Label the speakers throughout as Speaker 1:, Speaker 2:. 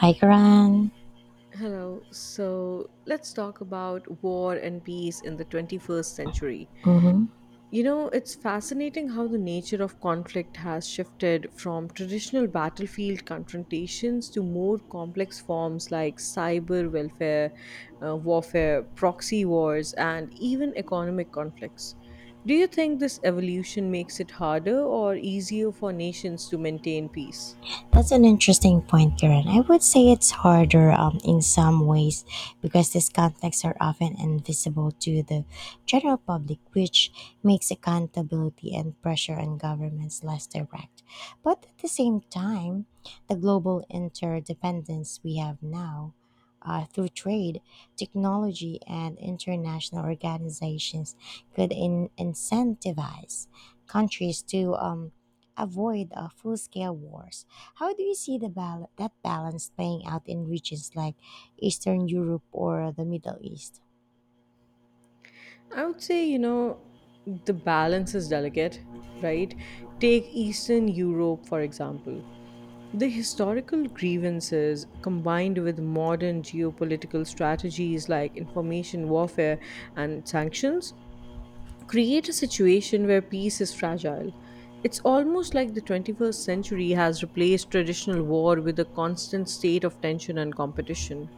Speaker 1: Hi, Karan.
Speaker 2: Hello. So let's talk about war and peace in the 21st century.
Speaker 1: Hmm.
Speaker 2: You know, it's fascinating how the nature of conflict has shifted from traditional battlefield confrontations to more complex forms like warfare, proxy wars, and even economic conflicts. Do you think this evolution makes it harder or easier for nations to maintain peace?
Speaker 1: That's an interesting point, Karen. I would say it's harder in some ways because these conflicts are often invisible to the general public, which makes accountability and pressure on governments less direct. But at the same time, the global interdependence we have now, through trade, technology, and international organizations could incentivize countries to avoid full scale wars. How do you see the that balance playing out in regions like Eastern Europe or the Middle East?
Speaker 2: I would say, you know, the balance is delicate, right? Take Eastern Europe, for example. The historical grievances combined with modern geopolitical strategies like information warfare and sanctions create a situation where peace is fragile. It's almost like the 21st century has replaced traditional war with a constant state of tension and competition.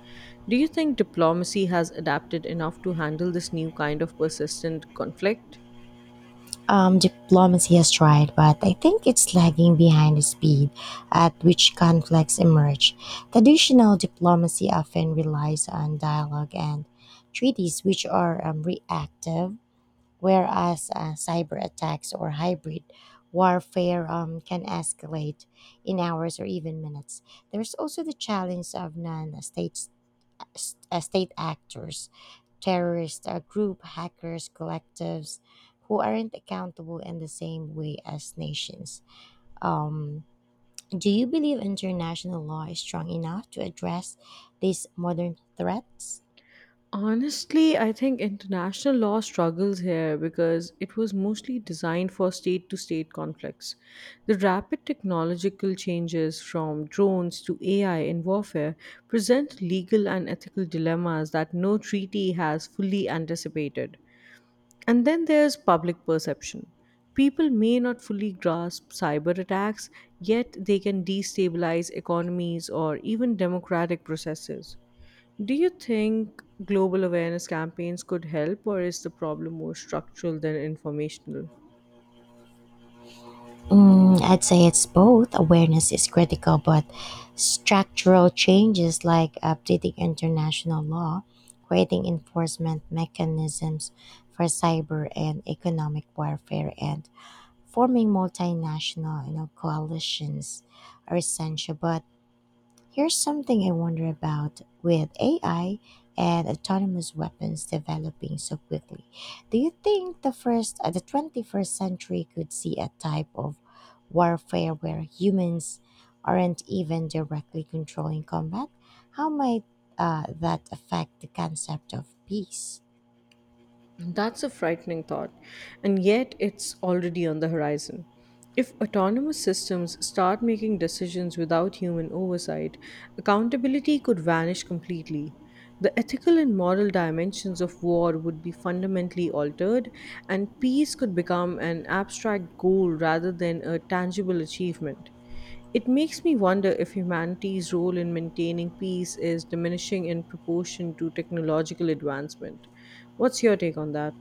Speaker 2: Do you think diplomacy has adapted enough to handle this new kind of persistent conflict?
Speaker 1: Diplomacy has tried, but I think it's lagging behind the speed at which conflicts emerge. Traditional diplomacy often relies on dialogue and treaties, which are reactive, whereas cyber attacks or hybrid warfare can escalate in hours or even minutes. There's also the challenge of non state state actors, terrorist group, hackers, collectives who aren't accountable in the same way as nations. Um, do you believe international law is strong enough to address these modern threats?
Speaker 2: Honestly, I think international law struggles here because it was mostly designed for state to state conflicts. The rapid technological changes from drones to AI in warfare present legal and ethical dilemmas that no treaty has fully anticipated. And then there's public perception. People may not fully grasp cyber attacks, yet they can destabilize economies or even democratic processes. Do you think global awareness campaigns could help, or is the problem more structural than informational?
Speaker 1: Mm, I'd say it's both. Awareness is critical, but structural changes like updating international law, creating enforcement mechanisms for cyber and economic warfare, and forming multinational, coalitions are essential. But here's something I wonder about with AI and autonomous weapons developing so quickly. Do you think the the 21st century could see a type of warfare where humans aren't even directly controlling combat? How might that affect the concept of peace?
Speaker 2: That's a frightening thought, and yet it's already on the horizon. If autonomous systems start making decisions without human oversight, accountability could vanish completely. The ethical and moral dimensions of war would be fundamentally altered, and peace could become an abstract goal rather than a tangible achievement. It makes me wonder if humanity's role in maintaining peace is diminishing in proportion to technological advancement. What's your take on that?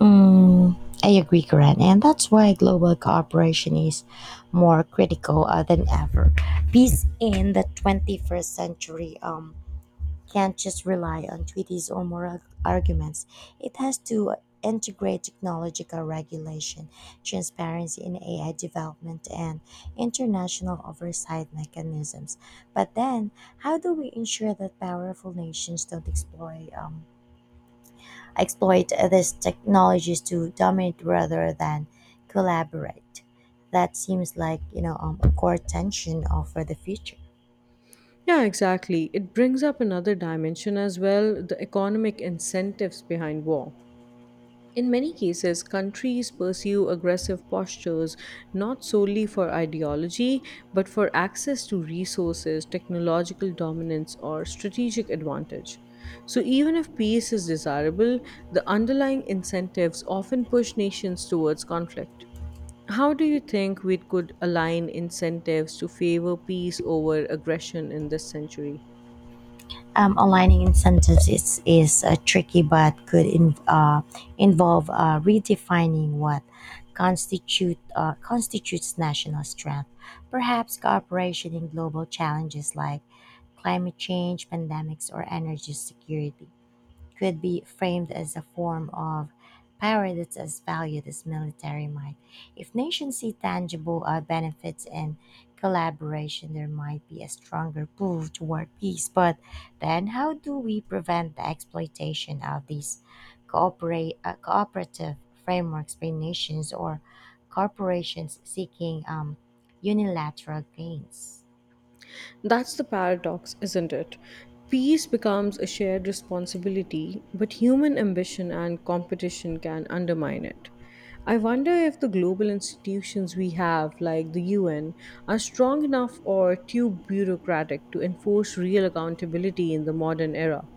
Speaker 1: Mm, I agree, Karen, and that's why global cooperation is more critical than ever. Peace in the 21st century can't just rely on treaties or moral arguments. It has to integrate technological regulation, transparency in AI development, and international oversight mechanisms. But then, how do we ensure that powerful nations don't exploit? Exploit these technologies to dominate rather than collaborate. That seems like, a core tension for the future.
Speaker 2: Yeah, exactly. It brings up another dimension as well the economic incentives behind war. In many cases, countries pursue aggressive postures not solely for ideology, but for access to resources, technological dominance, or strategic advantage. So, even if peace is desirable, the underlying incentives often push nations towards conflict. How do you think we could align incentives to favor peace over aggression in this century?
Speaker 1: Aligning incentives is tricky, but could involve redefining what constitutes national strength. Perhaps cooperation in global challenges like climate change, pandemics, or energy security could be framed as a form of power that's as valued as military might. If nations see tangible benefits in collaboration, there might be a stronger pull toward peace. But then, how do we prevent the exploitation of these cooperative frameworks by nations or corporations seeking unilateral gains?
Speaker 2: That's the paradox, isn't it? Peace becomes a shared responsibility, but human ambition and competition can undermine it. I wonder if the global institutions we have, like the UN, are strong enough or too bureaucratic to enforce real accountability in the modern era.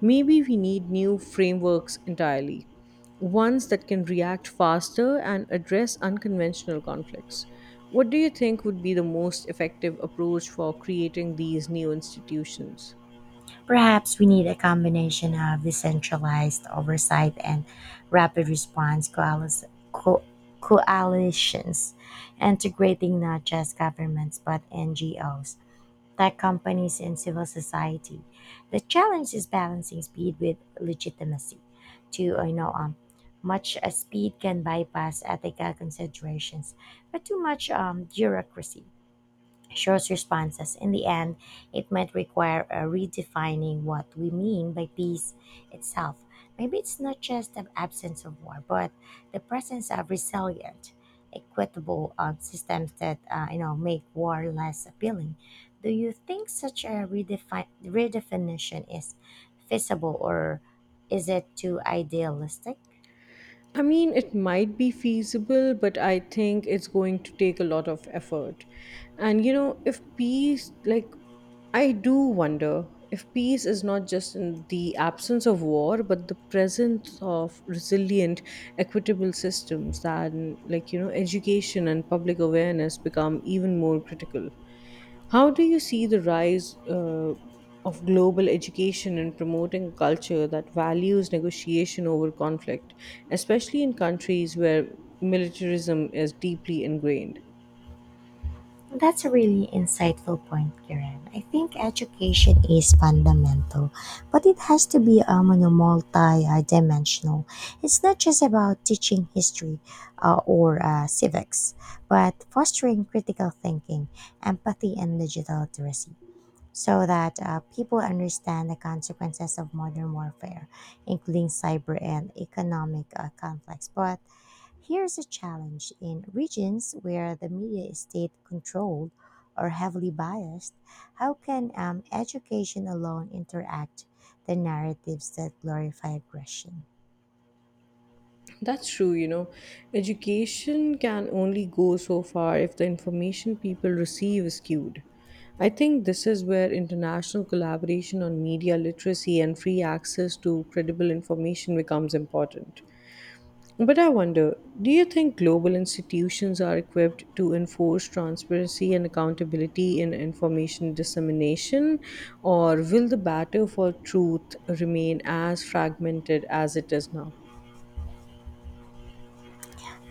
Speaker 2: Maybe we need new frameworks entirely, ones that can react faster and address unconventional conflicts. What do you think would be the most effective approach for creating these new institutions?
Speaker 1: Perhaps we need a combination of decentralized oversight and rapid response co- coalitions, integrating not just governments but NGOs, tech companies, and civil society. The challenge is balancing speed with legitimacy. Too, I know much speed can bypass ethical considerations, but too much bureaucracy shows responses. In the end, it might require a redefining what we mean by peace itself. Maybe it's not just the absence of war, but the presence of resilient, equitable systems that, make war less appealing. Do you think such a redefinition is feasible, or is it too idealistic?
Speaker 2: I mean, it might be feasible, but I think it's going to take a lot of effort. And, you know, if peace, like, I do wonder if peace is not just in the absence of war, but the presence of resilient, equitable systems, that, like, you know, education and public awareness become even more critical. How do you see the rise of global education in promoting a culture that values negotiation over conflict, especially in countries where militarism is deeply ingrained?
Speaker 1: That's a really insightful point, Kiran. I think education is fundamental, but it has to be, multi-dimensional. It's not just about teaching history or civics, but fostering critical thinking, empathy, and digital literacy so that people understand the consequences of modern warfare, including cyber and economic conflicts. But here's a challenge in regions where the media is state controlled or heavily biased. How can education alone interact? The narratives that glorify aggression.
Speaker 2: That's true, you know. Education can only go so far if the information people receive is skewed. I think this is where international collaboration on media literacy and free access to credible information becomes important. But I wonder, do you think global institutions are equipped to enforce transparency and accountability in information dissemination, or will the battle for truth remain as fragmented as it is now?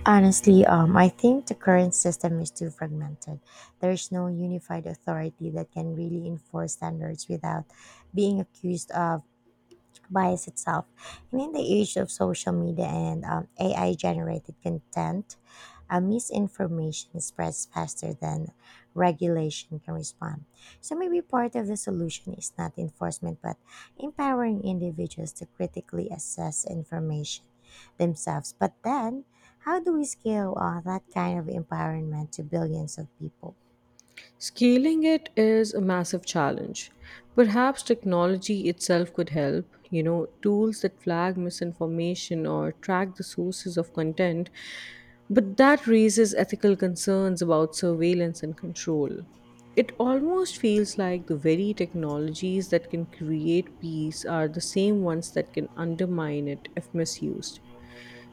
Speaker 1: Honestly, I think the current system is too fragmented. There is no unified authority that can really enforce standards without being accused of bias itself. And in the age of social media and, AI generated content, misinformation spreads faster than regulation can respond. So maybe part of the solution is not enforcement, but empowering individuals to critically assess information themselves. But then, how do we scale that kind of empowerment to billions of people?
Speaker 2: Scaling it is a massive challenge. Perhaps technology itself could help. You know, tools that flag misinformation or track the sources of content. But that raises ethical concerns about surveillance and control. It almost feels like the very technologies that can create peace are the same ones that can undermine it if misused.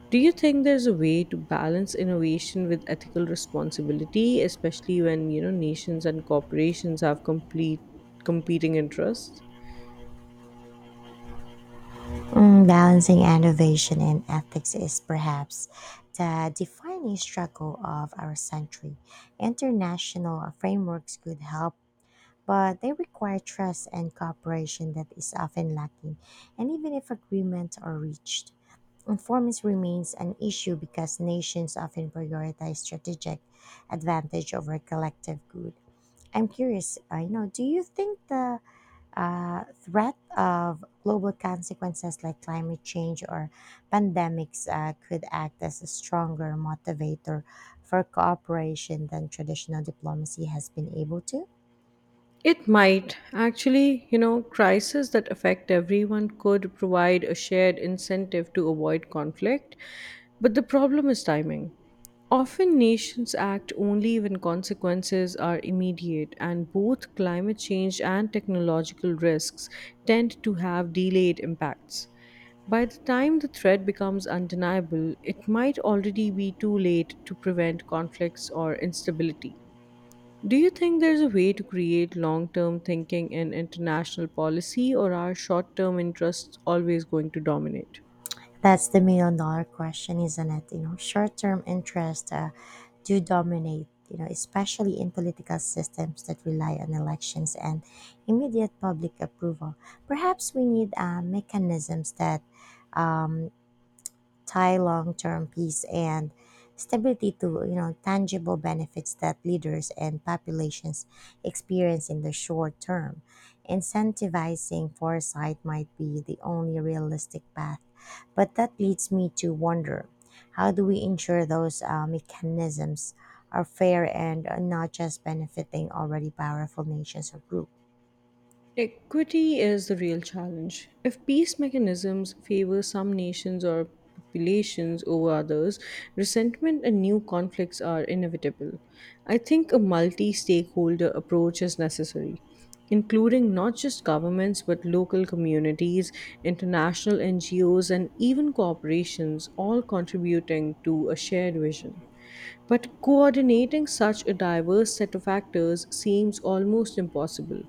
Speaker 2: Do you think there's a way to balance innovation with ethical responsibility, especially when you know nations and corporations have complete competing interests?
Speaker 1: Mm, balancing innovation and ethics is perhaps the defining struggle of our century. International frameworks could help, but they require trust and cooperation that is often lacking, and even if agreements are reached. Informants remains an issue because nations often prioritize strategic advantage over collective good. I'm curious, do you think the threat of global consequences like climate change or pandemics could act as a stronger motivator for cooperation than traditional diplomacy has been able to.
Speaker 2: It might. Actually, you know, crises that affect everyone could provide a shared incentive to avoid conflict, but the problem is timing. Often nations act only when consequences are immediate, and both climate change and technological risks tend to have delayed impacts. By the time the threat becomes undeniable, it might already be too late to prevent conflicts or instability. Do you think there's a way to create long term thinking in international policy, or are short term interests always going to dominate?
Speaker 1: That's the million-dollar question, isn't it? You know, short term interest do dominate, you know, especially in political systems that rely on elections and immediate public approval. Perhaps we need mechanisms that um, tie long-term peace and stability to, tangible benefits that leaders and populations experience in the short term. Incentivizing foresight might be the only realistic path, but that leads me to wonder, how do we ensure those mechanisms are fair and are not just benefiting already powerful nations or groups?
Speaker 2: Equity is the real challenge. If peace mechanisms favor some nations or populations over others, resentment and new conflicts are inevitable. I think a multi stakeholder approach is necessary, including not just governments but local communities, international NGOs, and even corporations, all contributing to a shared vision. But coordinating such a diverse set of actors seems almost impossible.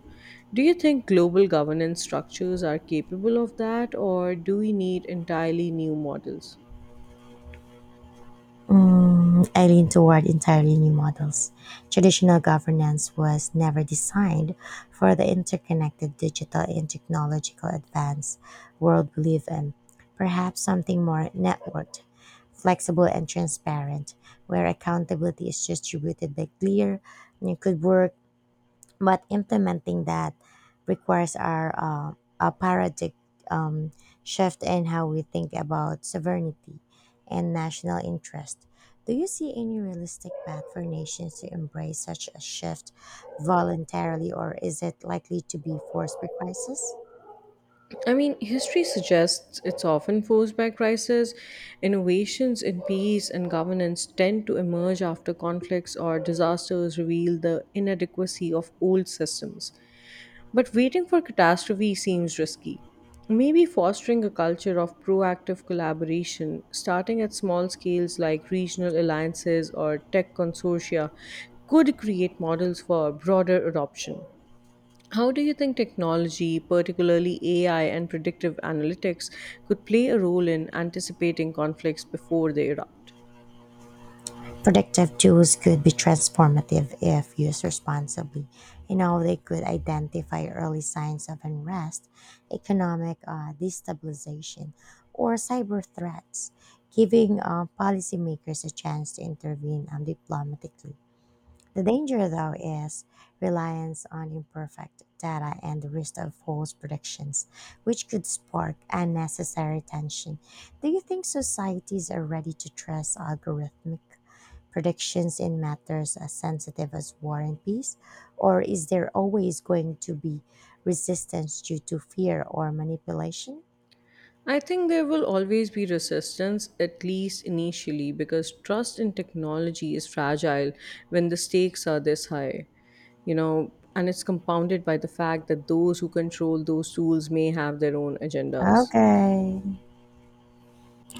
Speaker 2: Do you think global governance structures are capable of that, or do we need entirely new models?
Speaker 1: Mm, I lean toward entirely new models. Traditional governance was never designed for the interconnected digital and technological advance world we live in. Perhaps something more networked, flexible, and transparent, where accountability is distributed by clear and could work, but implementing that requires our, a paradigm um, shift in how we think about sovereignty and national interest. Do you see any realistic path for nations to embrace such a shift voluntarily, or is it likely to be forced by crisis?
Speaker 2: I mean, history suggests it's often forced by crisis. Innovations in peace and governance tend to emerge after conflicts or disasters reveal the inadequacy of old systems. But waiting for catastrophe seems risky. Maybe fostering a culture of proactive collaboration, starting at small scales like regional alliances or tech consortia, could create models for broader adoption. How do you think technology, particularly AI and predictive analytics, could play a role in anticipating conflicts before they erupt?
Speaker 1: Predictive tools could be transformative if used responsibly. You know, they could identify early signs of unrest, economic destabilization, or cyber threats, giving policymakers a chance to intervene diplomatically. The danger, though, is reliance on imperfect data and the risk of false predictions, which could spark unnecessary tension. Do you think societies are ready to trust algorithmic predictions in matters as sensitive as war and peace? Or is there always going to be resistance due to fear or manipulation?
Speaker 2: I think there will always be resistance, at least initially, because trust in technology is fragile when the stakes are this high, you know, and it's compounded by the fact that those who control those tools may have their own agendas.
Speaker 1: Okay.